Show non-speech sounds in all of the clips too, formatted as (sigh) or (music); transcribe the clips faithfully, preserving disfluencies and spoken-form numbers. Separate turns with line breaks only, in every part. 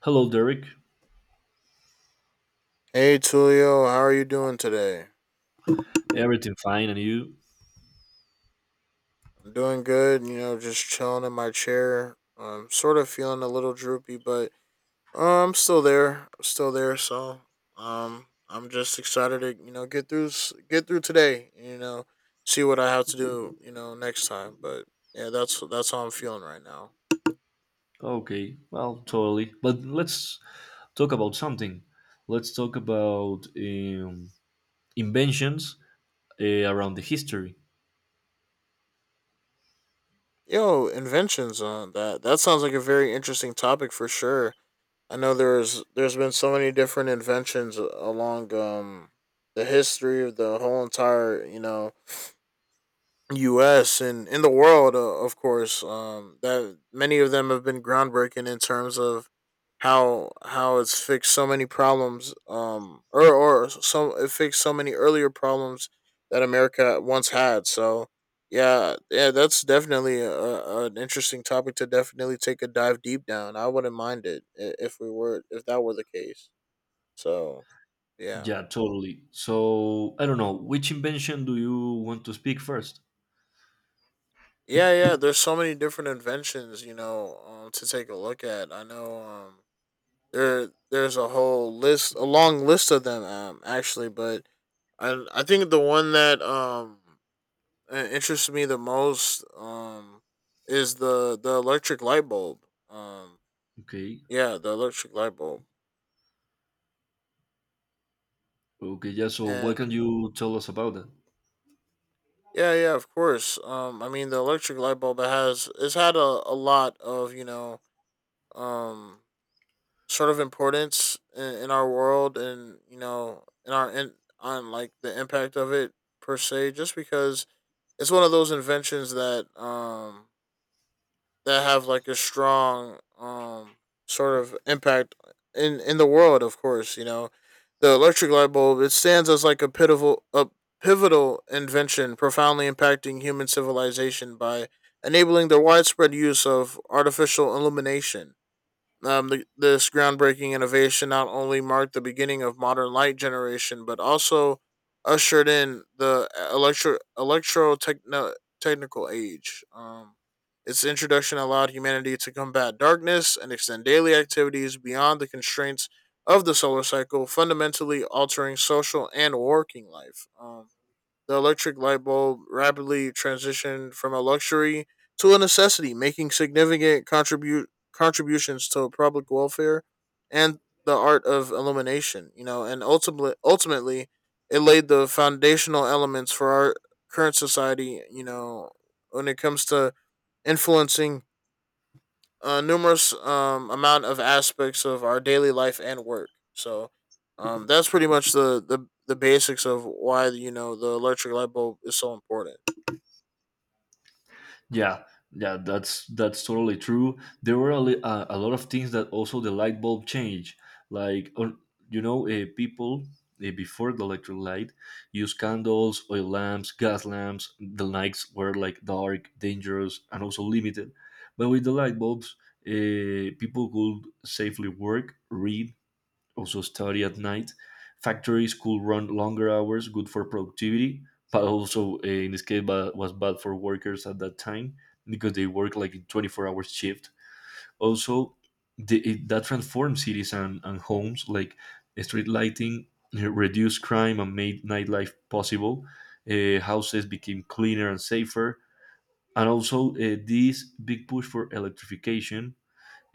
Hello, Derek.
Hey Tulio, how are you doing today?
Everything fine, and you?
I'm doing good, you know, just chilling in my chair. I'm sort of feeling a little droopy, but uh, I'm still there. I'm still there, so um I'm just excited to, you know, get through s- get through today, you know, see what I have to do, you know, next time, but yeah, that's that's how I'm feeling right now.
Okay, well, totally. But let's talk about something. Let's talk about um, inventions uh, around the history.
Yo, inventions on that. That sounds like a very interesting topic for sure. I know there's there's been so many different inventions along um the history of the whole entire, you know, U S and in the world, uh, of course, um, that many of them have been groundbreaking in terms of how how it's fixed so many problems, um, or or so it fixed so many earlier problems that America once had. So yeah, yeah, that's definitely a, a- an interesting topic to definitely take a dive deep down. I wouldn't mind it i- if we were, if that were the case. So yeah.
Yeah, totally. So, I don't know, which invention do you want to speak first?
Yeah, yeah. There's so many different inventions, you know, um, to take a look at. I know, um, there there's a whole list, a long list of them, um, actually. But I I think the one that um uh, interests me the most um is the the electric light bulb. Um,
Okay,
yeah, the electric light bulb,
okay, yeah, so what
and
can you tell us about that?
yeah, yeah, of course. Um, I mean, the electric light bulb, it has, it's had a, a lot of, you know, um sort of importance in, in our world, and, you know, in our, in, on like the impact of it per se, just because it's one of those inventions that um that have like a strong um sort of impact in in the world, of course, you know. The electric light bulb, it stands as like a pivotal a pivotal invention, profoundly impacting human civilization by enabling the widespread use of artificial illumination. um, the, this groundbreaking innovation not only marked the beginning of modern light generation, but also ushered in the electro electro technical age. Um, its introduction allowed humanity to combat darkness and extend daily activities beyond the constraints of the solar cycle, fundamentally altering social and working life. Um, the electric light bulb rapidly transitioned from a luxury to a necessity, making significant contribute contributions to public welfare and the art of illumination. You know, and ultimately, ultimately, it laid the foundational elements for our current society. You know, when it comes to influencing uh, numerous, um, amount of aspects of our daily life and work. So, um, that's pretty much the, the the basics of why, you know, the electric light bulb is so important.
Yeah, yeah, that's that's totally true. There were a, li- a, a lot of things that also the light bulb change, like or, you know, uh, people uh, before the electric light use candles, oil lamps, gas lamps. The nights were like dark, dangerous, and also limited. But with the light bulbs, uh, people could safely work, read, also study at night. Factories could run longer hours, good for productivity, but also uh, in this case ba- was bad for workers at that time because they work like in twenty-four hours shift. Also, the, it, that transformed cities and, and homes, like street lighting uh, reduced crime and made nightlife possible. Uh, houses became cleaner and safer. And also, uh, this big push for electrification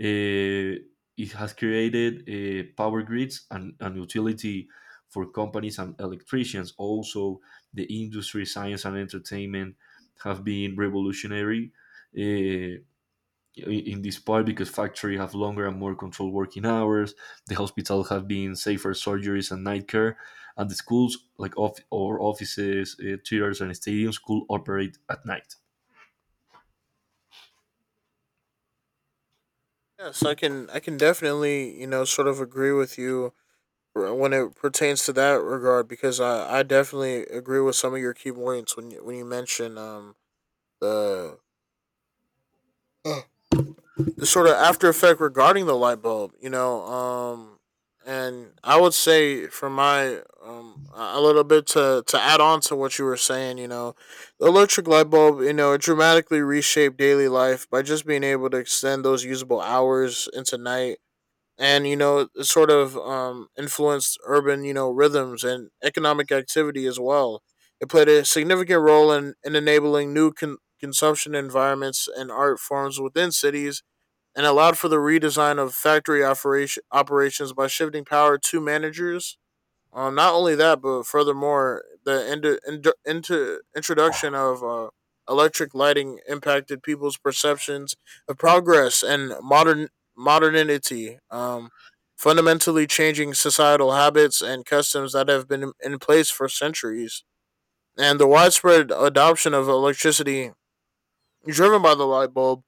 uh, it has created uh, power grids and, and utility for companies and electricians. Also, the industry, science, and entertainment have been revolutionary uh, in this part because factories have longer and more controlled working hours. The hospital have been safer surgeries and night care, and the schools like off- or offices, uh, theaters, and stadiums could operate at night.
Yes, I can, I can definitely, you know, sort of agree with you when it pertains to that regard, because I, I definitely agree with some of your key points when you, when you mention um the The sort of after effect regarding the light bulb, you know. Um, and I would say for my um a little bit to to add on to what you were saying, you know, the electric light bulb, you know, it dramatically reshaped daily life by just being able to extend those usable hours into night. And, you know, it sort of, um, influenced urban, you know, rhythms and economic activity as well. It played a significant role in, in enabling new con- consumption environments and art forms within cities, and allowed for the redesign of factory operation, operations by shifting power to managers. Um, not only that, but furthermore, the ind- ind- into introduction of uh, electric lighting impacted people's perceptions of progress and modern modernity, um, fundamentally changing societal habits and customs that have been in place for centuries. And the widespread adoption of electricity, driven by the light bulb,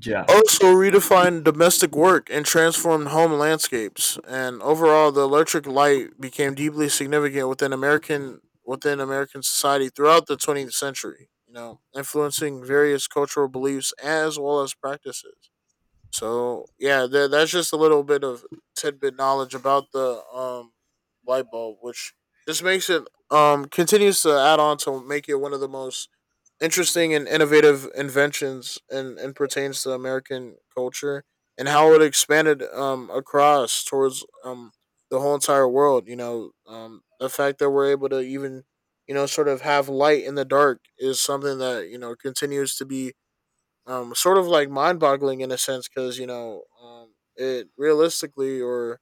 Yeah,
also redefined domestic work and transformed home landscapes. And overall, the electric light became deeply significant within American within American society throughout the twentieth century, you know, influencing various cultural beliefs as well as practices. So yeah, tha- that's just a little bit of tidbit knowledge about the um light bulb, which just makes it, um continues to add on to make it one of the most interesting and innovative inventions, and, and pertains to American culture and how it expanded, um, across towards, um, the whole entire world. You know, um, the fact that we're able to even, you know, sort of have light in the dark is something that, you know, continues to be, um, sort of like mind boggling in a sense, because, you know, um, it realistically or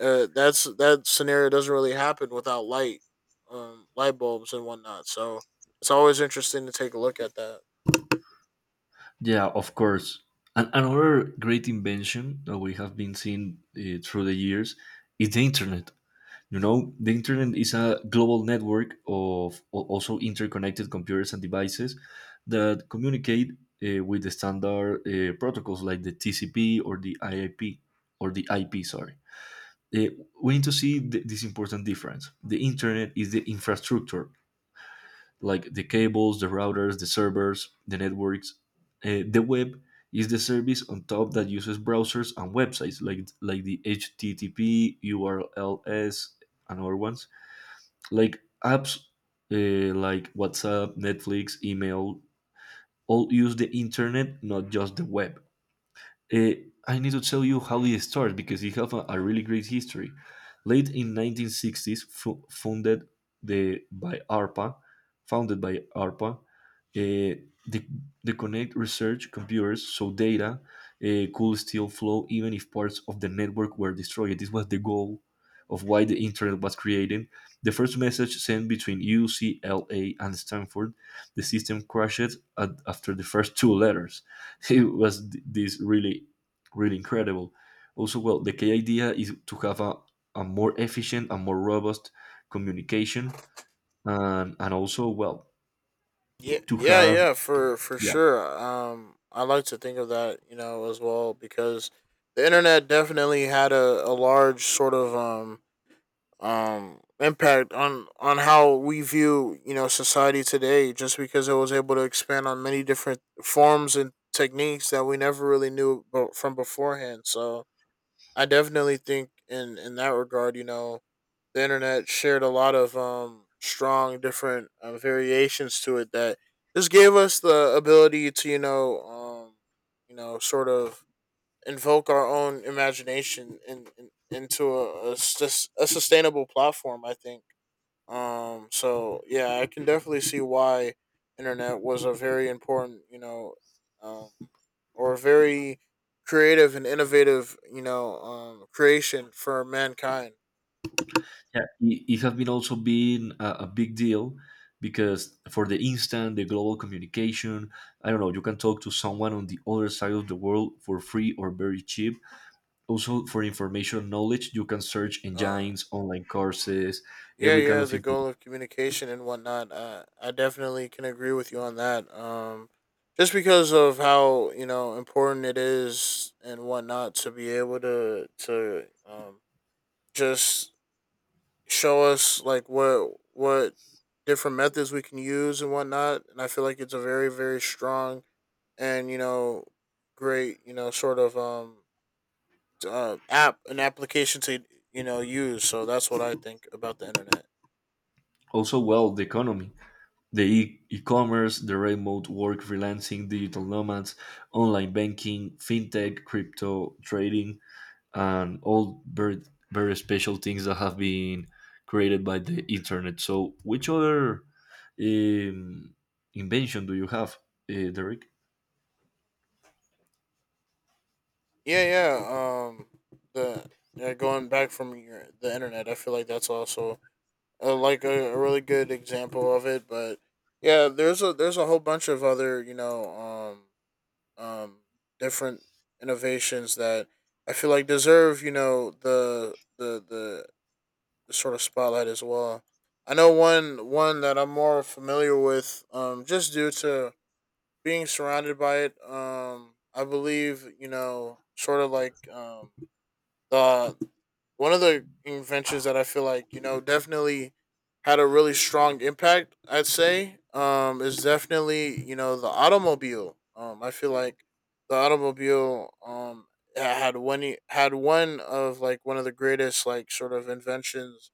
uh, that's that scenario doesn't really happen without light, um, light bulbs and whatnot. So it's always interesting to take a look at that.
Yeah, of course. And another great invention that we have been seeing uh, through the years is the internet. You know, the internet is a global network of al- also interconnected computers and devices that communicate uh, with the standard uh, protocols like the T C P or the I P or the I P. Sorry. Uh, we need to see th- this important difference. The internet is the infrastructure like the cables, the routers, the servers, the networks. Uh, the web is the service on top that uses browsers and websites like like the H T T P, U R Ls, and other ones. Like apps uh, like WhatsApp, Netflix, email, all use the internet, not just the web. Uh, I need to tell you how it starts because it have a, a really great history. Late in nineteen sixties, fu- funded the by ARPA, founded by ARPA, uh, the, the connect research computers so data uh, could still flow even if parts of the network were destroyed. This was the goal of why the internet was created. The first message sent between U C L A and Stanford, the system crashed at, after the first two letters. (laughs) It was this really really incredible. Also well, the key idea is to have a, a more efficient and more robust communication. And and also well,
Yeah,
to
yeah,
have.
yeah, for for
Yeah,
sure. Um, I like to think of that, you know, as well, because the internet definitely had a, a large sort of um um impact on on how we view, you know, society today. Just because it was able to expand on many different forms and techniques that we never really knew abo- from beforehand. So I definitely think in in that regard, you know, the internet shared a lot of, um, strong different, uh, variations to it, that just gave us the ability to, you know, um, you know, sort of invoke our own imagination in, in, into a, a, sus- a sustainable platform, I think, um, so yeah, I can definitely see why internet was a very important, you know, um, or very creative and innovative, you know, um, creation for mankind.
yeah, it, it has been also been a, a big deal because for the instant the global communication, I don't know, you can talk to someone on the other side of the world for free or very cheap. Also for information knowledge, you can search
uh,
engines online courses
Yeah,
every kind
yeah,
of
the
info.
goal of communication and whatnot. Uh, I definitely can agree with you on that. Um, just because of how, you know, important it is and whatnot to be able to to um, just show us like what what different methods we can use and whatnot. And I feel like it's a very very strong and, you know, great, you know, sort of, um uh, app an application to, you know, use. So that's what I think about the internet.
Also, well, the economy, the e- e-commerce, the remote work, freelancing, digital nomads, online banking, fintech, crypto trading, and all very, very special things that have been created by the internet. So, which other um, invention do you have, uh, Derek?
Yeah, yeah. Um, the yeah, going back from your, the internet, I feel like that's also, uh, like a, a really good example of it. But yeah, there's a there's a whole bunch of other, you know, um um different innovations that I feel like deserve, you know, the the the, the sort of spotlight as well. I know one one that I'm more familiar with, um, just due to being surrounded by it. Um, I believe, you know, sort of like, um, uh, one of the inventions that I feel like, you know, definitely had a really strong impact. I'd say, um, is definitely, you know, the automobile. Um, I feel like the automobile, um had one had one of like one of the greatest like sort of inventions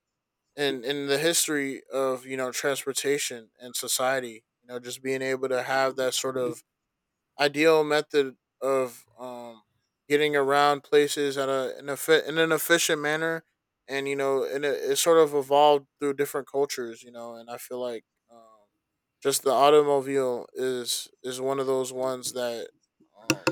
in in the history of, you know, transportation and society. You know, just being able to have that sort of ideal method of, um, getting around places at a in, a fit, in an efficient manner, and, you know, and it, it sort of evolved through different cultures, you know. And I feel like, um, just the automobile is is one of those ones that, um,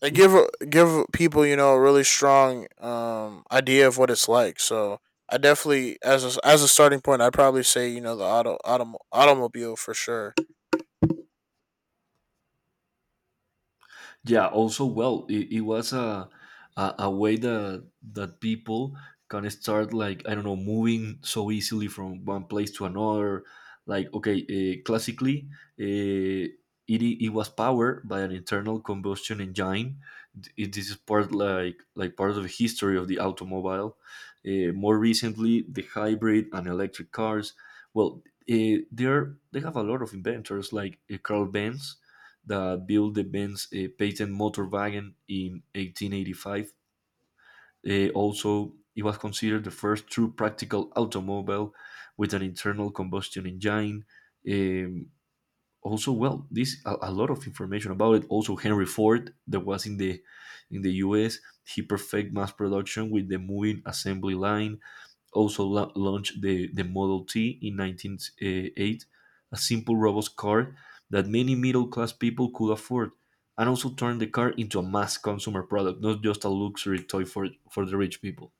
they give give people, you know, a really strong, um, idea of what it's like. So. I definitely, as a, as a starting point, I'd probably say, you know, the auto, autom- automobile for sure.
Yeah. Also, well, it, it was a, a a way that that people can start, like, I don't know, moving so easily from one place to another. Like, okay, uh, classically, uh, it i- it was powered by an internal combustion engine. D- It, this is part like like part of the history of the automobile. Uh, more recently, the hybrid and electric cars. Well, uh, they're they have a lot of inventors like uh, Carl Benz that built the Benz uh, patent motorwagen in eighteen eighty-five. Uh, also, it was considered the first true practical automobile with an internal combustion engine. Um, Also, well, this a, a lot of information about it. Also, Henry Ford, that was in the in the U S, he perfected mass production with the moving assembly line, also la- launched the, the Model T in nineteen oh eight, a simple robot car that many middle class people could afford, and also turned the car into a mass consumer product, not just a luxury toy for, for the rich people.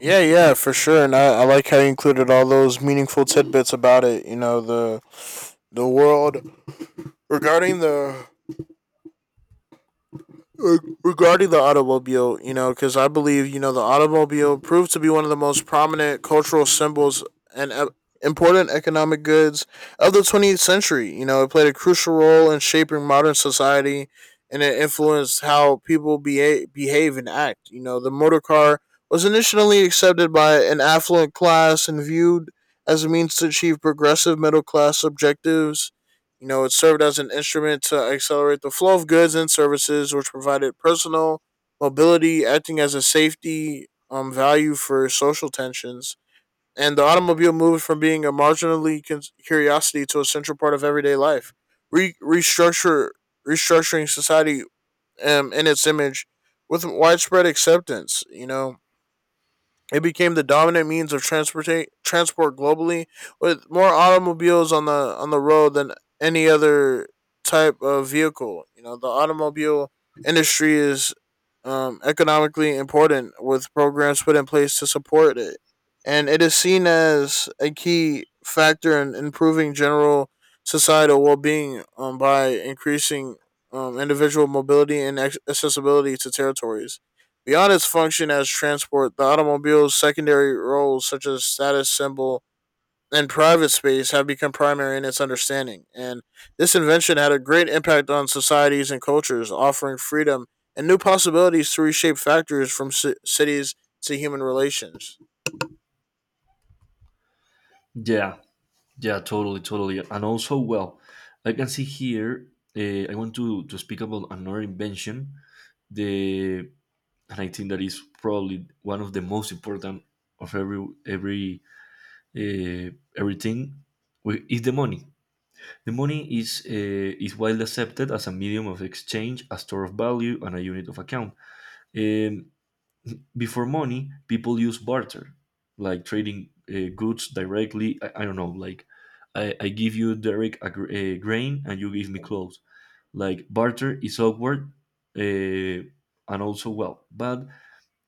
Yeah, yeah, for sure. And I, I like how you included all those meaningful tidbits about it. You know, the the world regarding the Reg- regarding the automobile, you know, because I believe, you know, the automobile proved to be one of the most prominent cultural symbols and e- important economic goods of the twentieth century. You know, it played a crucial role in shaping modern society, and it influenced how people behave, behave and act. You know, the motor car was initially accepted by an affluent class and viewed as a means to achieve progressive middle class objectives. You know, it served as an instrument to accelerate the flow of goods and services, which provided personal mobility, acting as a safety, um, value for social tensions. And the automobile moved from being a marginally con- curiosity to a central part of everyday life, Re- restructure restructuring society, um, in its image, with widespread acceptance. You know, it became the dominant means of transport transport globally, with more automobiles on the on the road than any other type of vehicle. You know, the automobile industry is, um, economically important, with programs put in place to support it, and it is seen as a key factor in improving general societal well being, um, by increasing, um, individual mobility and accessibility to territories. Beyond its function as transport, the automobile's secondary roles such as status symbol and private space have become primary in its understanding, and this invention had a great impact on societies and cultures, offering freedom and new possibilities to reshape factors from ci- cities to human relations.
Yeah, yeah, totally, totally. And also, well, I can see here, uh, I want to, to speak about another invention, the and I think that is probably one of the most important of every every uh, everything we- is the money. The money is, uh, is widely accepted as a medium of exchange, a store of value, and a unit of account. Um, Before money, people use barter, like trading uh, goods directly. I, I don't know, like, I, I give you direct a, gr- a grain and you give me clothes. Like barter is awkward uh, and also well, but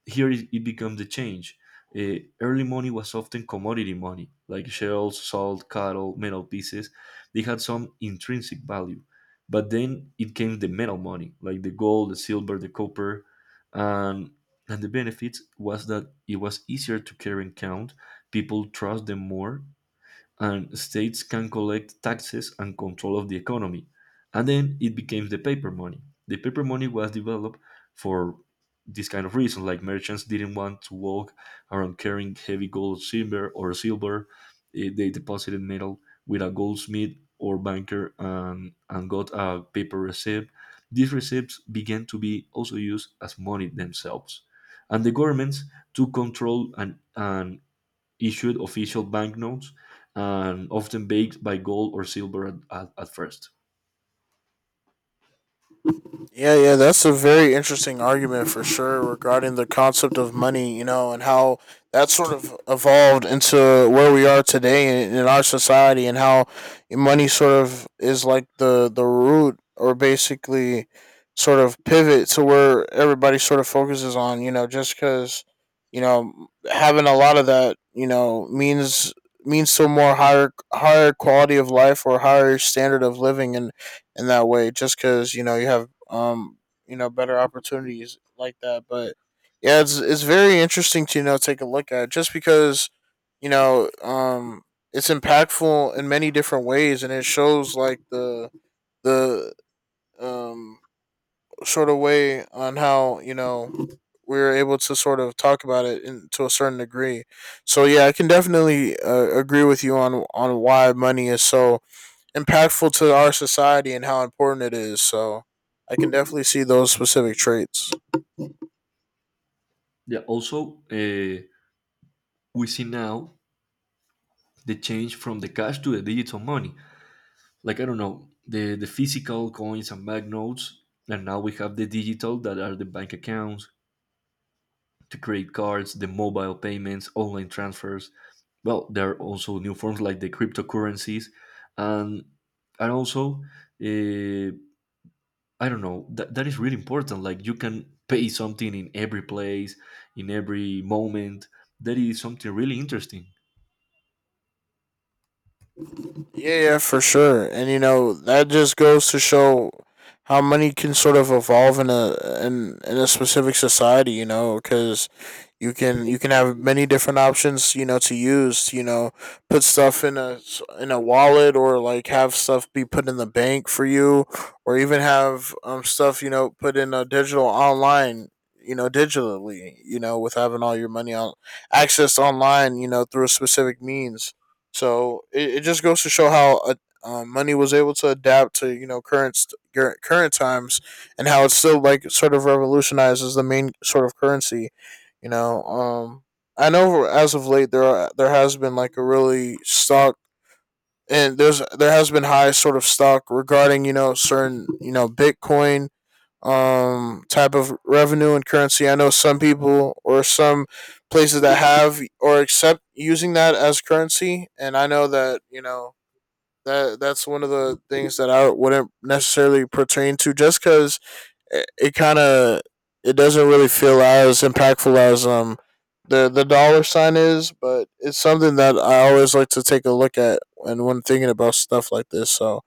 here it, it becomes the change. Uh, early money was often commodity money, like shells, salt, cattle, metal pieces. They had some intrinsic value. But then it came the metal money, like the gold, the silver, the copper. And, and the benefits was that it was easier to carry and count. People trust them more and states can collect taxes and control of the economy. And then it became the paper money. The paper money was developed for this kind of reason, like merchants didn't want to walk around carrying heavy gold, silver, or silver. Eh, They deposited metal with a goldsmith or banker and, and got a paper receipt. These receipts began to be also used as money themselves. And the governments took control and, and issued official banknotes and often backed by gold or silver at, at, at first.
Yeah, yeah, that's a very interesting argument for sure regarding the concept of money, you know, and how that sort of evolved into where we are today in, in our society, and how money sort of is like the, the root, or basically sort of pivot to where everybody sort of focuses on, you know. Just because, you know, having a lot of that, you know, means means to a more higher higher quality of life or higher standard of living, and in that way, just because, you know, you have um you know better opportunities like that. But yeah, it's it's very interesting to, you know, take a look at, just because, you know, um it's impactful in many different ways, and it shows like the the um sort of way on how, you know, we were able to sort of talk about it in, to a certain degree. So yeah, I can definitely uh, agree with you on on why money is so impactful to our society and how important it is. So I can definitely see those specific traits.
Yeah, also, uh, we see now the change from the cash to the digital money. Like, I don't know, the, the physical coins and banknotes, and now we have the digital that are the bank accounts, the credit cards, the mobile payments, online transfers. Well, there are also new forms like the cryptocurrencies, and and also uh, I don't know. That that is really important. Like you can pay something in every place, in every moment. That is something really interesting.
Yeah, yeah, for sure. And you know, that just goes to show how money can sort of evolve in a in in a specific society. You know, because you can you can have many different options, you know, to use. You know, put stuff in a s- in a wallet, or like have stuff be put in the bank for you, or even have um stuff, you know, put in a digital online. You know, digitally, you know, with having all your money on accessed online, you know, through a specific means. So it, it just goes to show how uh, uh, money was able to adapt to, you know, current current times, and how it still like sort of revolutionizes the main sort of currency. You know, um, I know as of late there are, there has been like a really stock, and there's there has been high sort of stock regarding, you know, certain, you know, Bitcoin um type of revenue and currency. I know some people or some places that have or accept using that as currency, and I know that, you know, that that's one of the things that I wouldn't necessarily pertain to, just cuz it, it kind of, it doesn't really feel as impactful as um the the dollar sign is, but it's something that I always like to take a look at and when thinking about stuff like this. So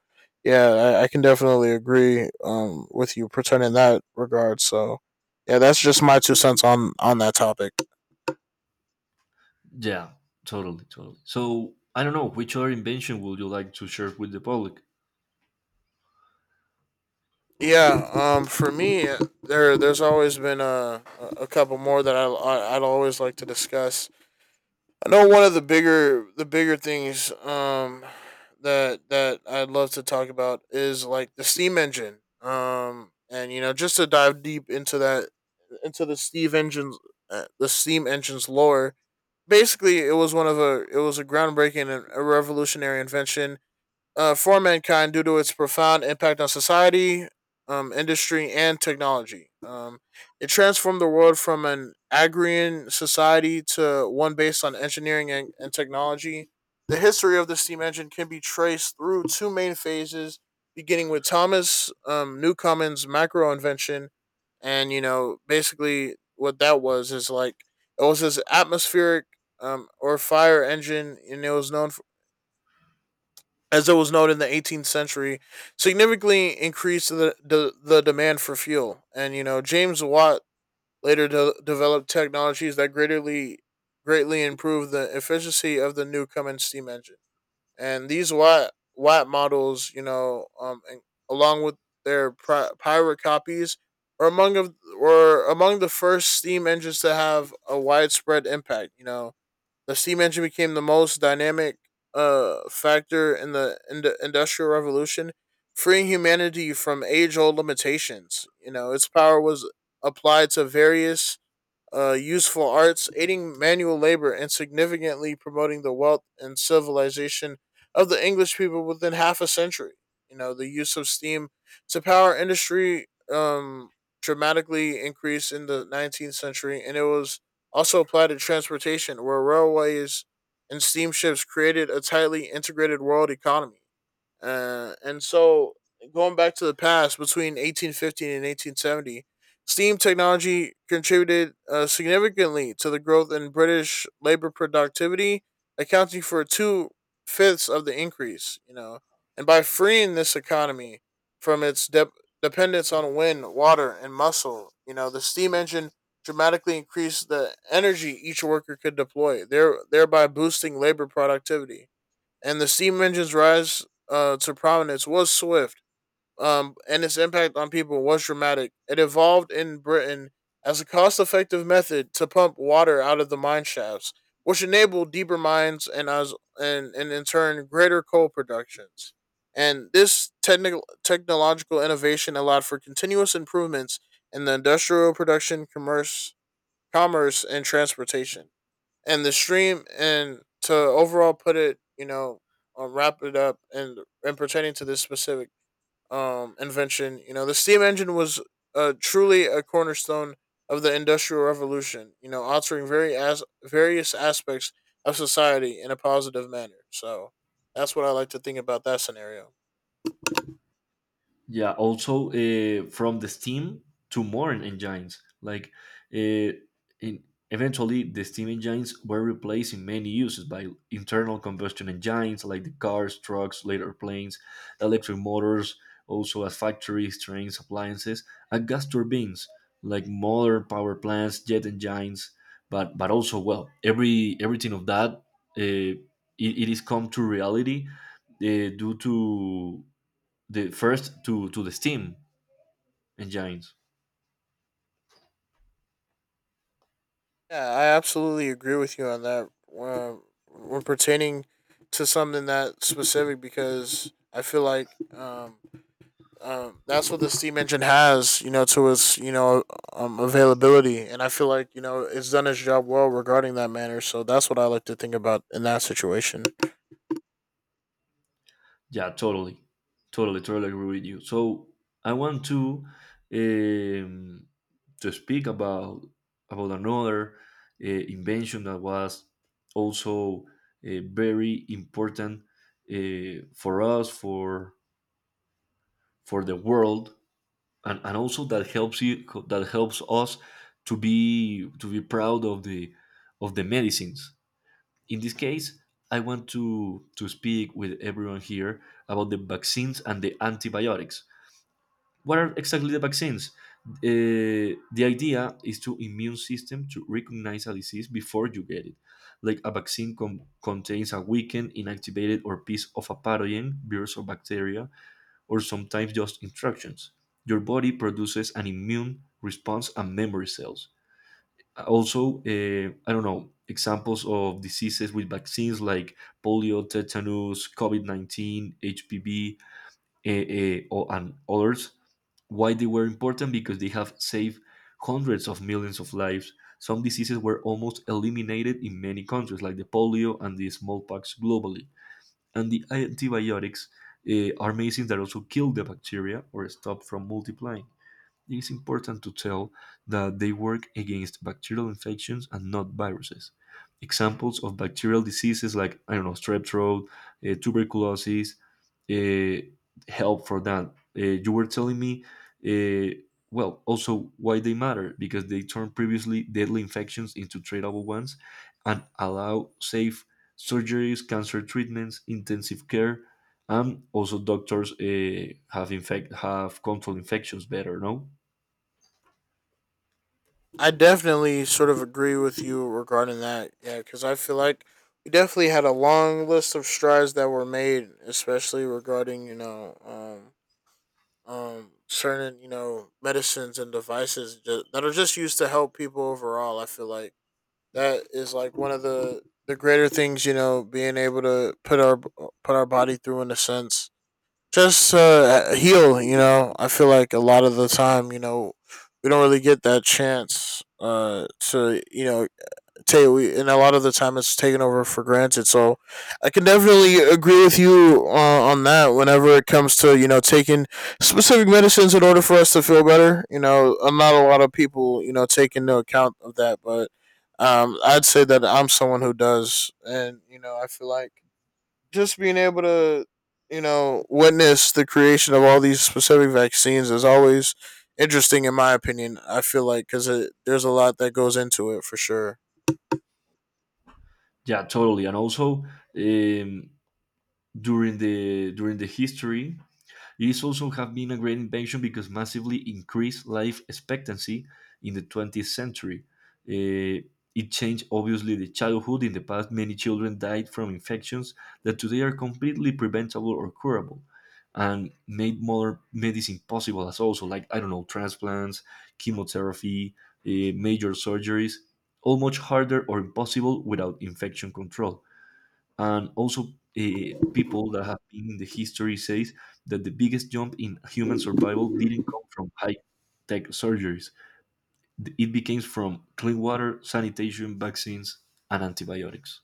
yeah, I, I can definitely agree um with you pertaining in that regard. So yeah, that's just my two cents on on that topic.
Yeah, totally, totally. So I don't know. Which other invention would you like to share with the public?
Yeah, um, for me, there there's always been a a couple more that I I- I'd always like to discuss. I know one of the bigger the bigger things um that that I'd love to talk about is like the steam engine. Um and you know, just to dive deep into that into the steam engines, uh, the steam engine's lore. Basically, it was one of a it was a groundbreaking and a revolutionary invention, uh, for mankind due to its profound impact on society, um, industry, and technology. Um, it transformed the world from an agrarian society to one based on engineering and, and technology. The history of the steam engine can be traced through two main phases, beginning with Thomas um, Newcomen's macro invention. And, you know, basically what that was is like it was his atmospheric um, or fire engine, and it was known as it was known in the eighteenth century, significantly increased the, the, the demand for fuel. And, you know, James Watt later de- developed technologies that greatly greatly improved the efficiency of the new Newcomen steam engine. And these Watt, Watt models, you know, um, and along with their pri- pirate copies, are among of were among the first steam engines to have a widespread impact. You know, the steam engine became the most dynamic uh, factor in the in- the industrial revolution, freeing humanity from age-old limitations. You know, its power was applied to various uh, useful arts, aiding manual labor, and significantly promoting the wealth and civilization of the English people within half a century. You know, the use of steam to power industry um, dramatically increased in the nineteenth century, and it was also applied to transportation, where railways and steamships created a tightly integrated world economy. Uh, and so going back to the past, between eighteen fifteen and eighteen seventy, steam technology contributed uh, significantly to the growth in British labor productivity, accounting for two fifths of the increase. You know, and by freeing this economy from its de- dependence on wind, water, and muscle, you know, the steam engine dramatically increased the energy each worker could deploy, there- thereby boosting labor productivity, and the steam engine's rise uh, to prominence was swift, um, and its impact on people was dramatic. It evolved in Britain as a cost effective method to pump water out of the mine shafts, which enabled deeper mines, and, as, and, and in turn greater coal productions. And this technical technological innovation allowed for continuous improvements in the industrial production, commerce, commerce, and transportation, and the stream and to overall put it, you know, uh, wrap it up, and and pertaining to this specific um invention, you know, the steam engine was uh, truly a cornerstone of the industrial revolution, you know, altering very as various aspects of society in a positive manner. So that's what I like to think about that scenario.
Yeah, also uh, from the steam to more engines. Like, uh, in, eventually, the steam engines were replaced in many uses by internal combustion engines, like the cars, trucks, later planes, electric motors, also at factories, trains, appliances, and gas turbines, like modern power plants, jet engines. But but also, well, every everything of that, uh, it, it is come to reality uh, due to the first to to the Steam engines.
Yeah, I absolutely agree with you on that. Uh, when pertaining to something that specific, because I feel like um, um, that's what the steam engine has, you know, to its, you know, um, availability, and I feel like, you know, it's done its job well regarding that manner. So that's what I like to think about in that situation.
Yeah, totally, totally, totally agree with you. So I want to um, to speak about about another uh, invention that was also uh, very important uh, for us for for the world and, and also that helps you that helps us to be to be proud of the of the medicines. In this case, I want to, to speak with everyone here about the vaccines and the antibiotics. What are exactly the vaccines? Uh, the idea is to immune system to recognize a disease before you get it. Like a vaccine com- contains a weakened, inactivated, or piece of a pathogen, virus, or bacteria, or sometimes just instructions. Your body produces an immune response and memory cells. Also, uh, I don't know, examples of diseases with vaccines like polio, tetanus, COVID nineteen, hpv, eh, eh, o- and others. Why they were important? Because they have saved hundreds of millions of lives. Some diseases were almost eliminated in many countries, like the polio and the smallpox globally. And the antibiotics, eh, are amazing that also kill the bacteria or stop from multiplying. It is important to tell that they work against bacterial infections and not viruses. Examples of bacterial diseases like, I don't know, strep throat, uh, tuberculosis, uh, help for that. Uh, you were telling me, uh, well, also why they matter, because they turn previously deadly infections into treatable ones and allow safe surgeries, cancer treatments, intensive care, and also doctors uh, have infect have controlled infections better. No,
I definitely sort of agree with you regarding that, yeah, because I feel like we definitely had a long list of strides that were made, especially regarding, you know, um, um certain, you know, medicines and devices ju- that are just used to help people overall. I feel like that is like one of the the greater things, you know, being able to put our put our body through in a sense, just uh heal, you know. I feel like a lot of the time, you know, we don't really get that chance uh to, you know, take, and a lot of the time it's taken over for granted. So I can definitely agree with you uh, on that. Whenever it comes to, you know, taking specific medicines in order for us to feel better, you know, uh, not a lot of people, you know, take into account of that. But um, I'd say that I'm someone who does, and you know, I feel like just being able to, you know, witness the creation of all these specific vaccines is always interesting, in my opinion. I feel like, because there's a lot that goes into it for sure.
yeah, totally. And also, um, during the during the history, it's also have been a great invention because massively increased life expectancy in the twentieth century. Uh, it changed obviously the childhood. In the past, many children died from infections that today are completely preventable or curable, and made modern medicine possible. As also, like, I don't know, transplants, chemotherapy, uh, major surgeries, all much harder or impossible without infection control. And also uh, people that have been in the history says that the biggest jump in human survival didn't come from high tech surgeries. It became from clean water, sanitation, vaccines, and antibiotics.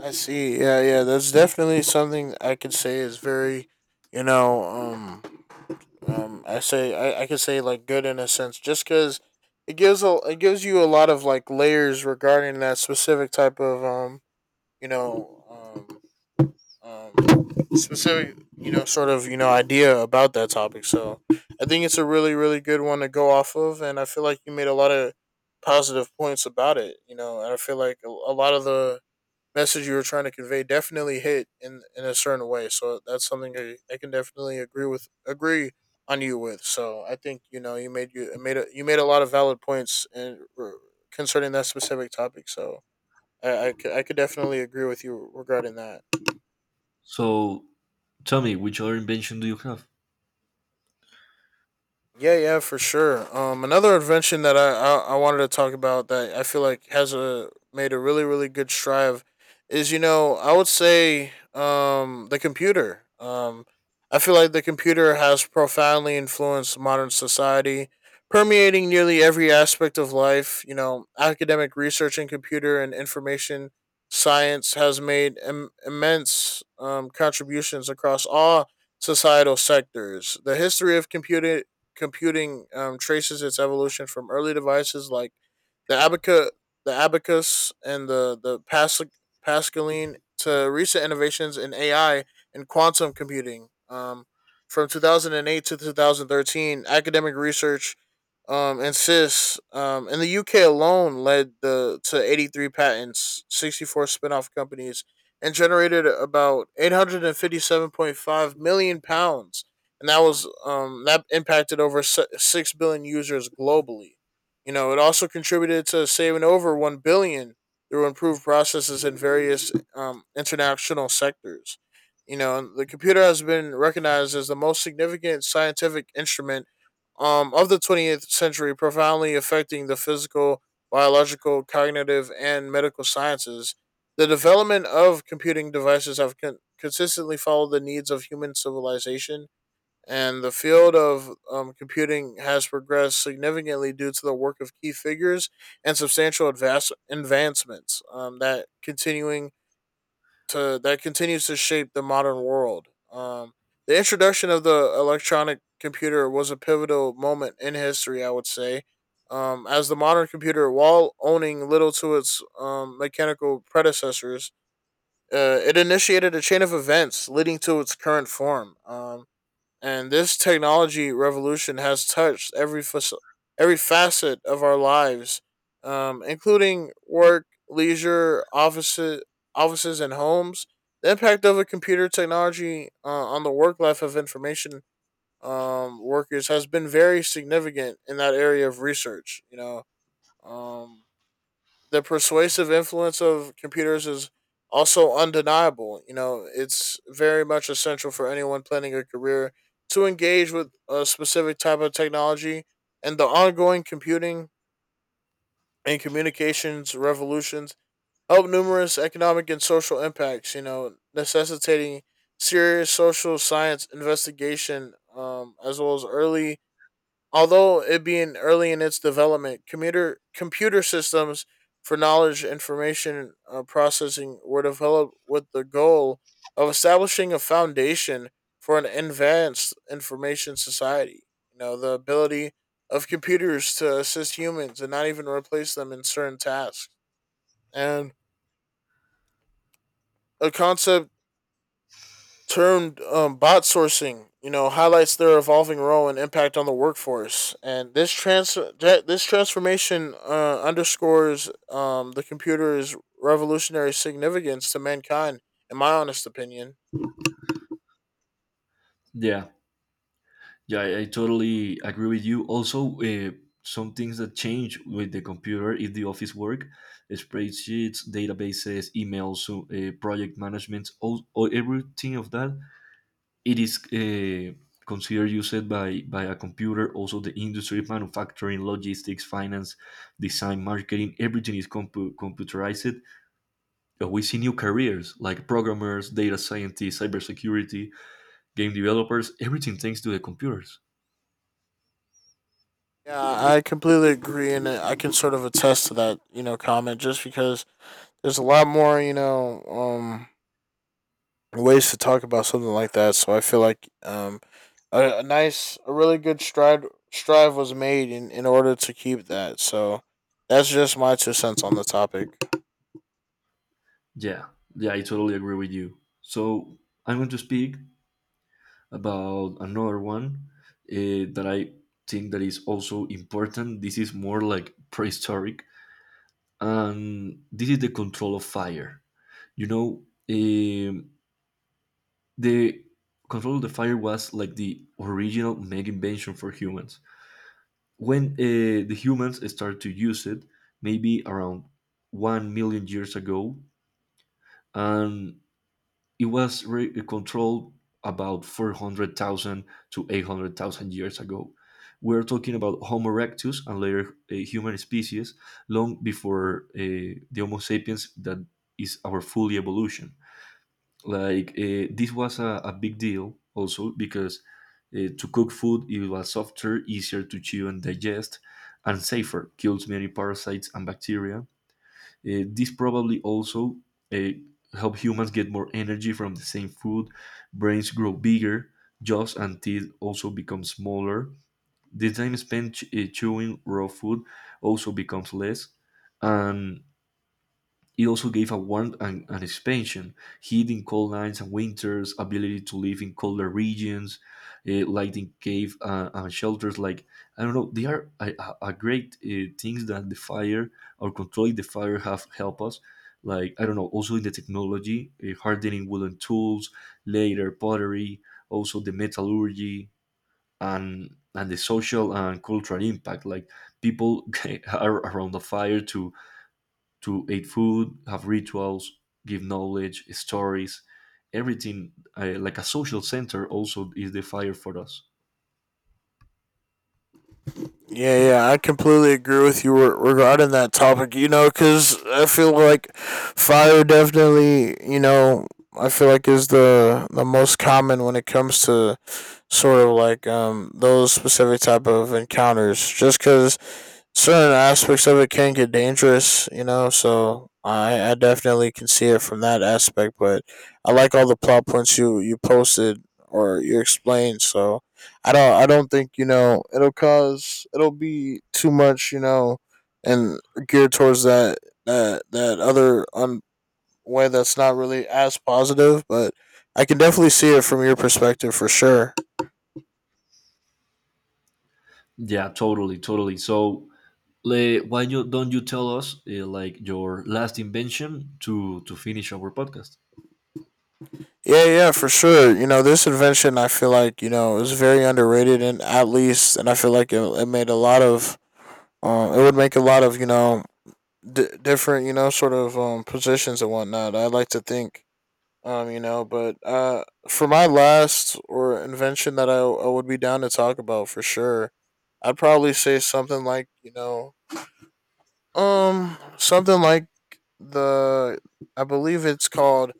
I see. Yeah, yeah. That's definitely something I could say is very, you know, um, um. I say I, I could say like good in a sense, just because it gives a it gives you a lot of like layers regarding that specific type of um, you know, um, um, specific, you know, sort of, you know, idea about that topic. So I think it's a really really good one to go off of, and I feel like you made a lot of positive points about it. You know, and I feel like a, a lot of the message you were trying to convey definitely hit in in a certain way. So that's something I, I can definitely agree with agree on you with. So I think you know you made you made a, you made a lot of valid points in, r- concerning that specific topic. So I, I, c- I could definitely agree with you regarding that.
So tell me, which other invention do you have?
Yeah, yeah, for sure. Um, another invention that I, I I wanted to talk about that I feel like has a made a really really good strive is, you know, I would say um the computer. Um, I feel like the computer has profoundly influenced modern society, permeating nearly every aspect of life. You know, academic research in computer and information science has made Im- immense um, contributions across all societal sectors. The history of computer computing um, traces its evolution from early devices like the abaca, the abacus, and the the Pascal, Pascaline to recent innovations in A I and quantum computing. Um, from two thousand eight to twenty thirteen, academic research um, insists um, in the U K alone led the to eighty-three patents, sixty-four spin-off companies, and generated about eight hundred fifty-seven point five million pounds. And that was um, that impacted over si- six billion users globally. You know, it also contributed to saving over one billion through improved processes in various um, international sectors. You know, the computer has been recognized as the most significant scientific instrument um, of the twentieth century, profoundly affecting the physical, biological, cognitive, and medical sciences. The development of computing devices have con- consistently followed the needs of human civilization, and the field of um, computing has progressed significantly due to the work of key figures and substantial advance- advancements um, that continuing to that continues to shape the modern world. Um, the introduction of the electronic computer was a pivotal moment in history, I would say, um, as the modern computer, while owning little to its um, mechanical predecessors, uh, it initiated a chain of events leading to its current form. Um, and this technology revolution has touched every fac- every facet of our lives, um, including work, leisure, offices, offices, and homes. The impact of a computer technology uh, on the work life of information um, workers has been very significant in that area of research. You know, um, the persuasive influence of computers is also undeniable. You know, it's very much essential for anyone planning a career to engage with a specific type of technology, and the ongoing computing and communications revolutions help numerous economic and social impacts, you know, necessitating serious social science investigation, um, as well as early although it being early in its development, computer computer systems for knowledge information uh, processing were developed with the goal of establishing a foundation for an advanced information society. You know, the ability of computers to assist humans and not even replace them in certain tasks. And a concept termed um, bot sourcing, you know, highlights their evolving role and impact on the workforce. And this trans- this transformation uh, underscores um, the computer's revolutionary significance to mankind, in my honest opinion.
Yeah, yeah, I, I totally agree with you. Also uh, some things that change with the computer is the office work, spreadsheets, databases, emails, so, uh, project management, all, all everything of that. It is uh, considered used by, by a computer. Also the industry, manufacturing, logistics, finance, design, marketing, everything is compu- computerized. But we see new careers like programmers, data scientists, cybersecurity, game developers, everything thanks to the computers.
Yeah, I completely agree, and I can sort of attest to that, you know, comment just because there's a lot more, you know, um, ways to talk about something like that. So I feel like um, a, a nice, a really good stride strive was made in, in order to keep that. So that's just my two cents on the topic.
Yeah, yeah, I totally agree with you. So I'm going to speak about another one uh, that I think that is also important. This is more like prehistoric, and this is the control of fire. You know, um, the control of the fire was like the original mega invention for humans. When uh, the humans started to use it, maybe around one million years ago, and it was re- eh, controlled about four hundred thousand to eight hundred thousand years ago. We're talking about Homo erectus and later uh, human species long before uh, the Homo sapiens that is our full evolution. Like uh, this was a, a big deal also because uh, to cook food it was softer, easier to chew and digest, and safer. Kills many parasites and bacteria. Uh, this probably also uh, help humans get more energy from the same food. Brains grow bigger, jaws and teeth also become smaller. The time spent ch- uh, chewing raw food also becomes less, and it also gave a warmth and, and expansion, heat in cold nights and winters, ability to live in colder regions, uh, lighting cave uh, and shelters. Like, I don't know, they are a, a a great uh, things that the fire or controlling the fire have helped us. Like, I don't know, also in the technology, uh, hardening wooden tools, later pottery, also the metallurgy and and the social and cultural impact. Like, people (laughs) are around the fire to to eat food, have rituals, give knowledge, stories, everything uh, like a social center also is the fire for us.
Yeah, yeah, I completely agree with you regarding that topic. You know, because I feel like fire definitely, you know, I feel like is the the most common when it comes to sort of like um those specific type of encounters, just because certain aspects of it can get dangerous. You know so i i definitely can see it from that aspect, but I like all the plot points you you posted or you explained. So i don't i don't think you know it'll cause it'll be too much you know And geared towards that that that other um, way that's not really as positive. But I can definitely see it from your perspective for sure.
Yeah, totally, totally. So, le, why you, don't you tell us uh, like your last invention to to finish our podcast?
Yeah, yeah, for sure. You know, this invention I feel like, you know, is very underrated, and at least, and I feel like it, it made a lot of um it would make a lot of, you know, d- different, you know, sort of um positions and whatnot. I like to think um, you know, but uh for my last or invention that I, I would be down to talk about for sure, I'd probably say something like, you know, um, something like the I believe it's called,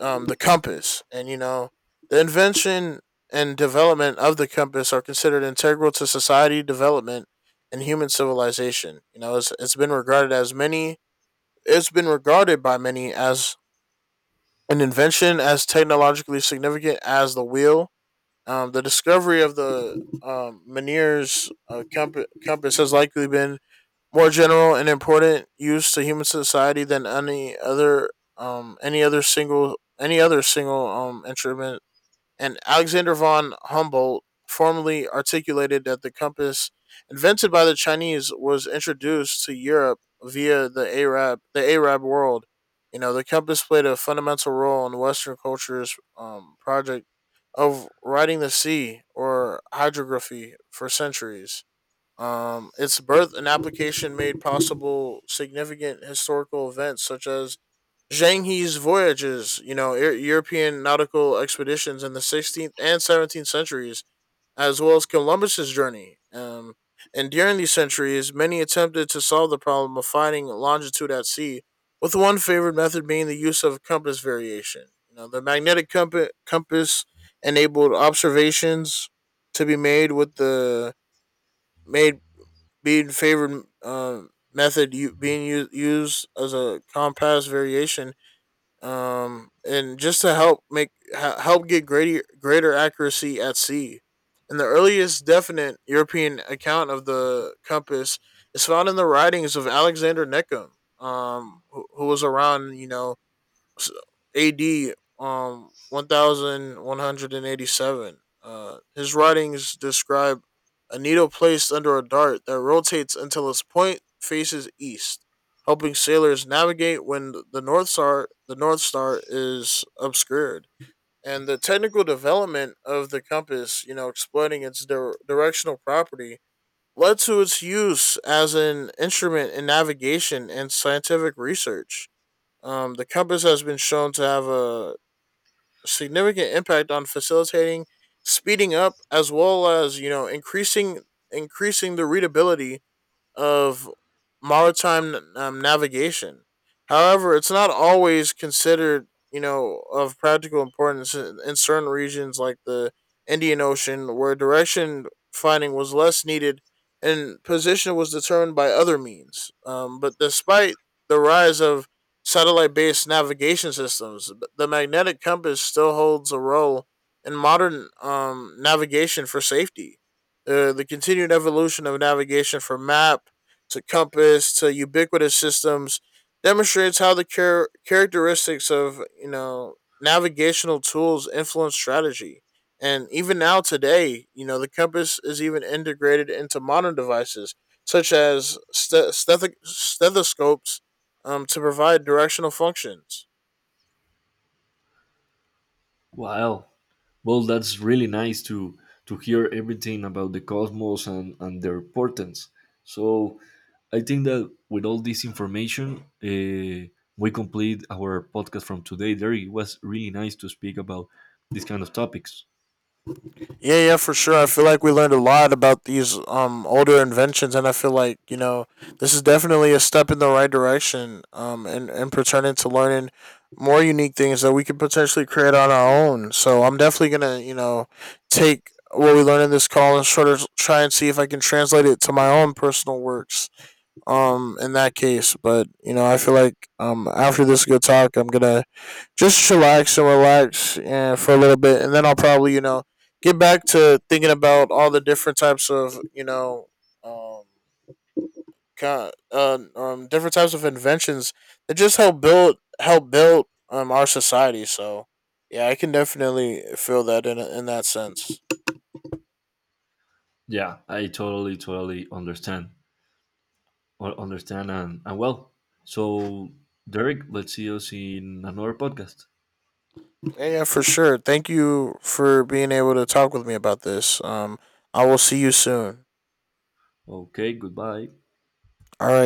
um, the compass. And you know the invention and development of the compass are considered integral to society development and human civilization. You know, it's it's been regarded as many it's been regarded by many as an invention as technologically significant as the wheel. Um, the discovery of the um, Meniere's uh, comp- compass has likely been more general and important use to human society than any other um any other single any other single um instrument. And Alexander von Humboldt formally articulated that the compass invented by the Chinese was introduced to Europe via the Arab the Arab world. You know, the compass played a fundamental role in Western culture's um, project of writing the sea, or hydrography, for centuries. Um, its birth and application made possible significant historical events such as Zheng He's voyages, you know, Eu- European nautical expeditions in the sixteenth and seventeenth centuries, as well as Columbus's journey. Um, and during these centuries, many attempted to solve the problem of finding longitude at sea, with one favored method being the use of compass variation. You know, the magnetic compa- compass enabled observations to be made with the made being favored, uh, method you, being u- used as a compass variation, um, and just to help make ha- help get greater greater accuracy at sea. And the earliest definite European account of the compass is found in the writings of Alexander Neckham, um, who, who was around, you know, s- A D um one thousand one hundred eighty-seven. Uh his writings describe a needle placed under a dart that rotates until its point faces east, helping sailors navigate when th- the north star the north star is obscured. And the technical development of the compass, you know, exploiting its dir- directional property, led to its use as an instrument in navigation and scientific research. Um, the compass has been shown to have a significant impact on facilitating, speeding up, as well as you know increasing increasing the readability of maritime um, navigation. However, it's not always considered, you know, of practical importance in certain regions like the Indian Ocean, where direction finding was less needed and position was determined by other means. Um, but despite the rise of satellite based navigation systems, the magnetic compass still holds a role in modern um, navigation for safety. Uh, the continued evolution of navigation from map to compass to ubiquitous systems demonstrates how the char- characteristics of you know navigational tools influence strategy. And even now today, you know the compass is even integrated into modern devices such as st- steth- stethoscopes, um, to provide directional functions.
Wow. Well, that's really nice to to hear everything about the cosmos and and their importance. So I think that with all this information, uh, we complete our podcast from today. There, it was really nice to speak about these kind of topics.
Yeah, yeah, for sure. I feel like we learned a lot about these um older inventions, and I feel like you know this is definitely a step in the right direction. Um, and and pertaining to learning more unique things that we could potentially create on our own. So I'm definitely gonna you know take what we learned in this call and sort of try and see if I can translate it to my own personal works um in that case. But you know, I feel like um after this good talk, I'm gonna just chillax and relax and for a little bit, and then I'll probably you know get back to thinking about all the different types of you know um kind uh, um different types of inventions that just help build help build um our society. So. Yeah, I can definitely feel that in in that sense.
Yeah, I totally, totally understand. Or understand and, and well. So, Derek, let's see us in another podcast.
Yeah, yeah, for sure. Thank you for being able to talk with me about this. Um, I will see you soon.
Okay, goodbye.
All right.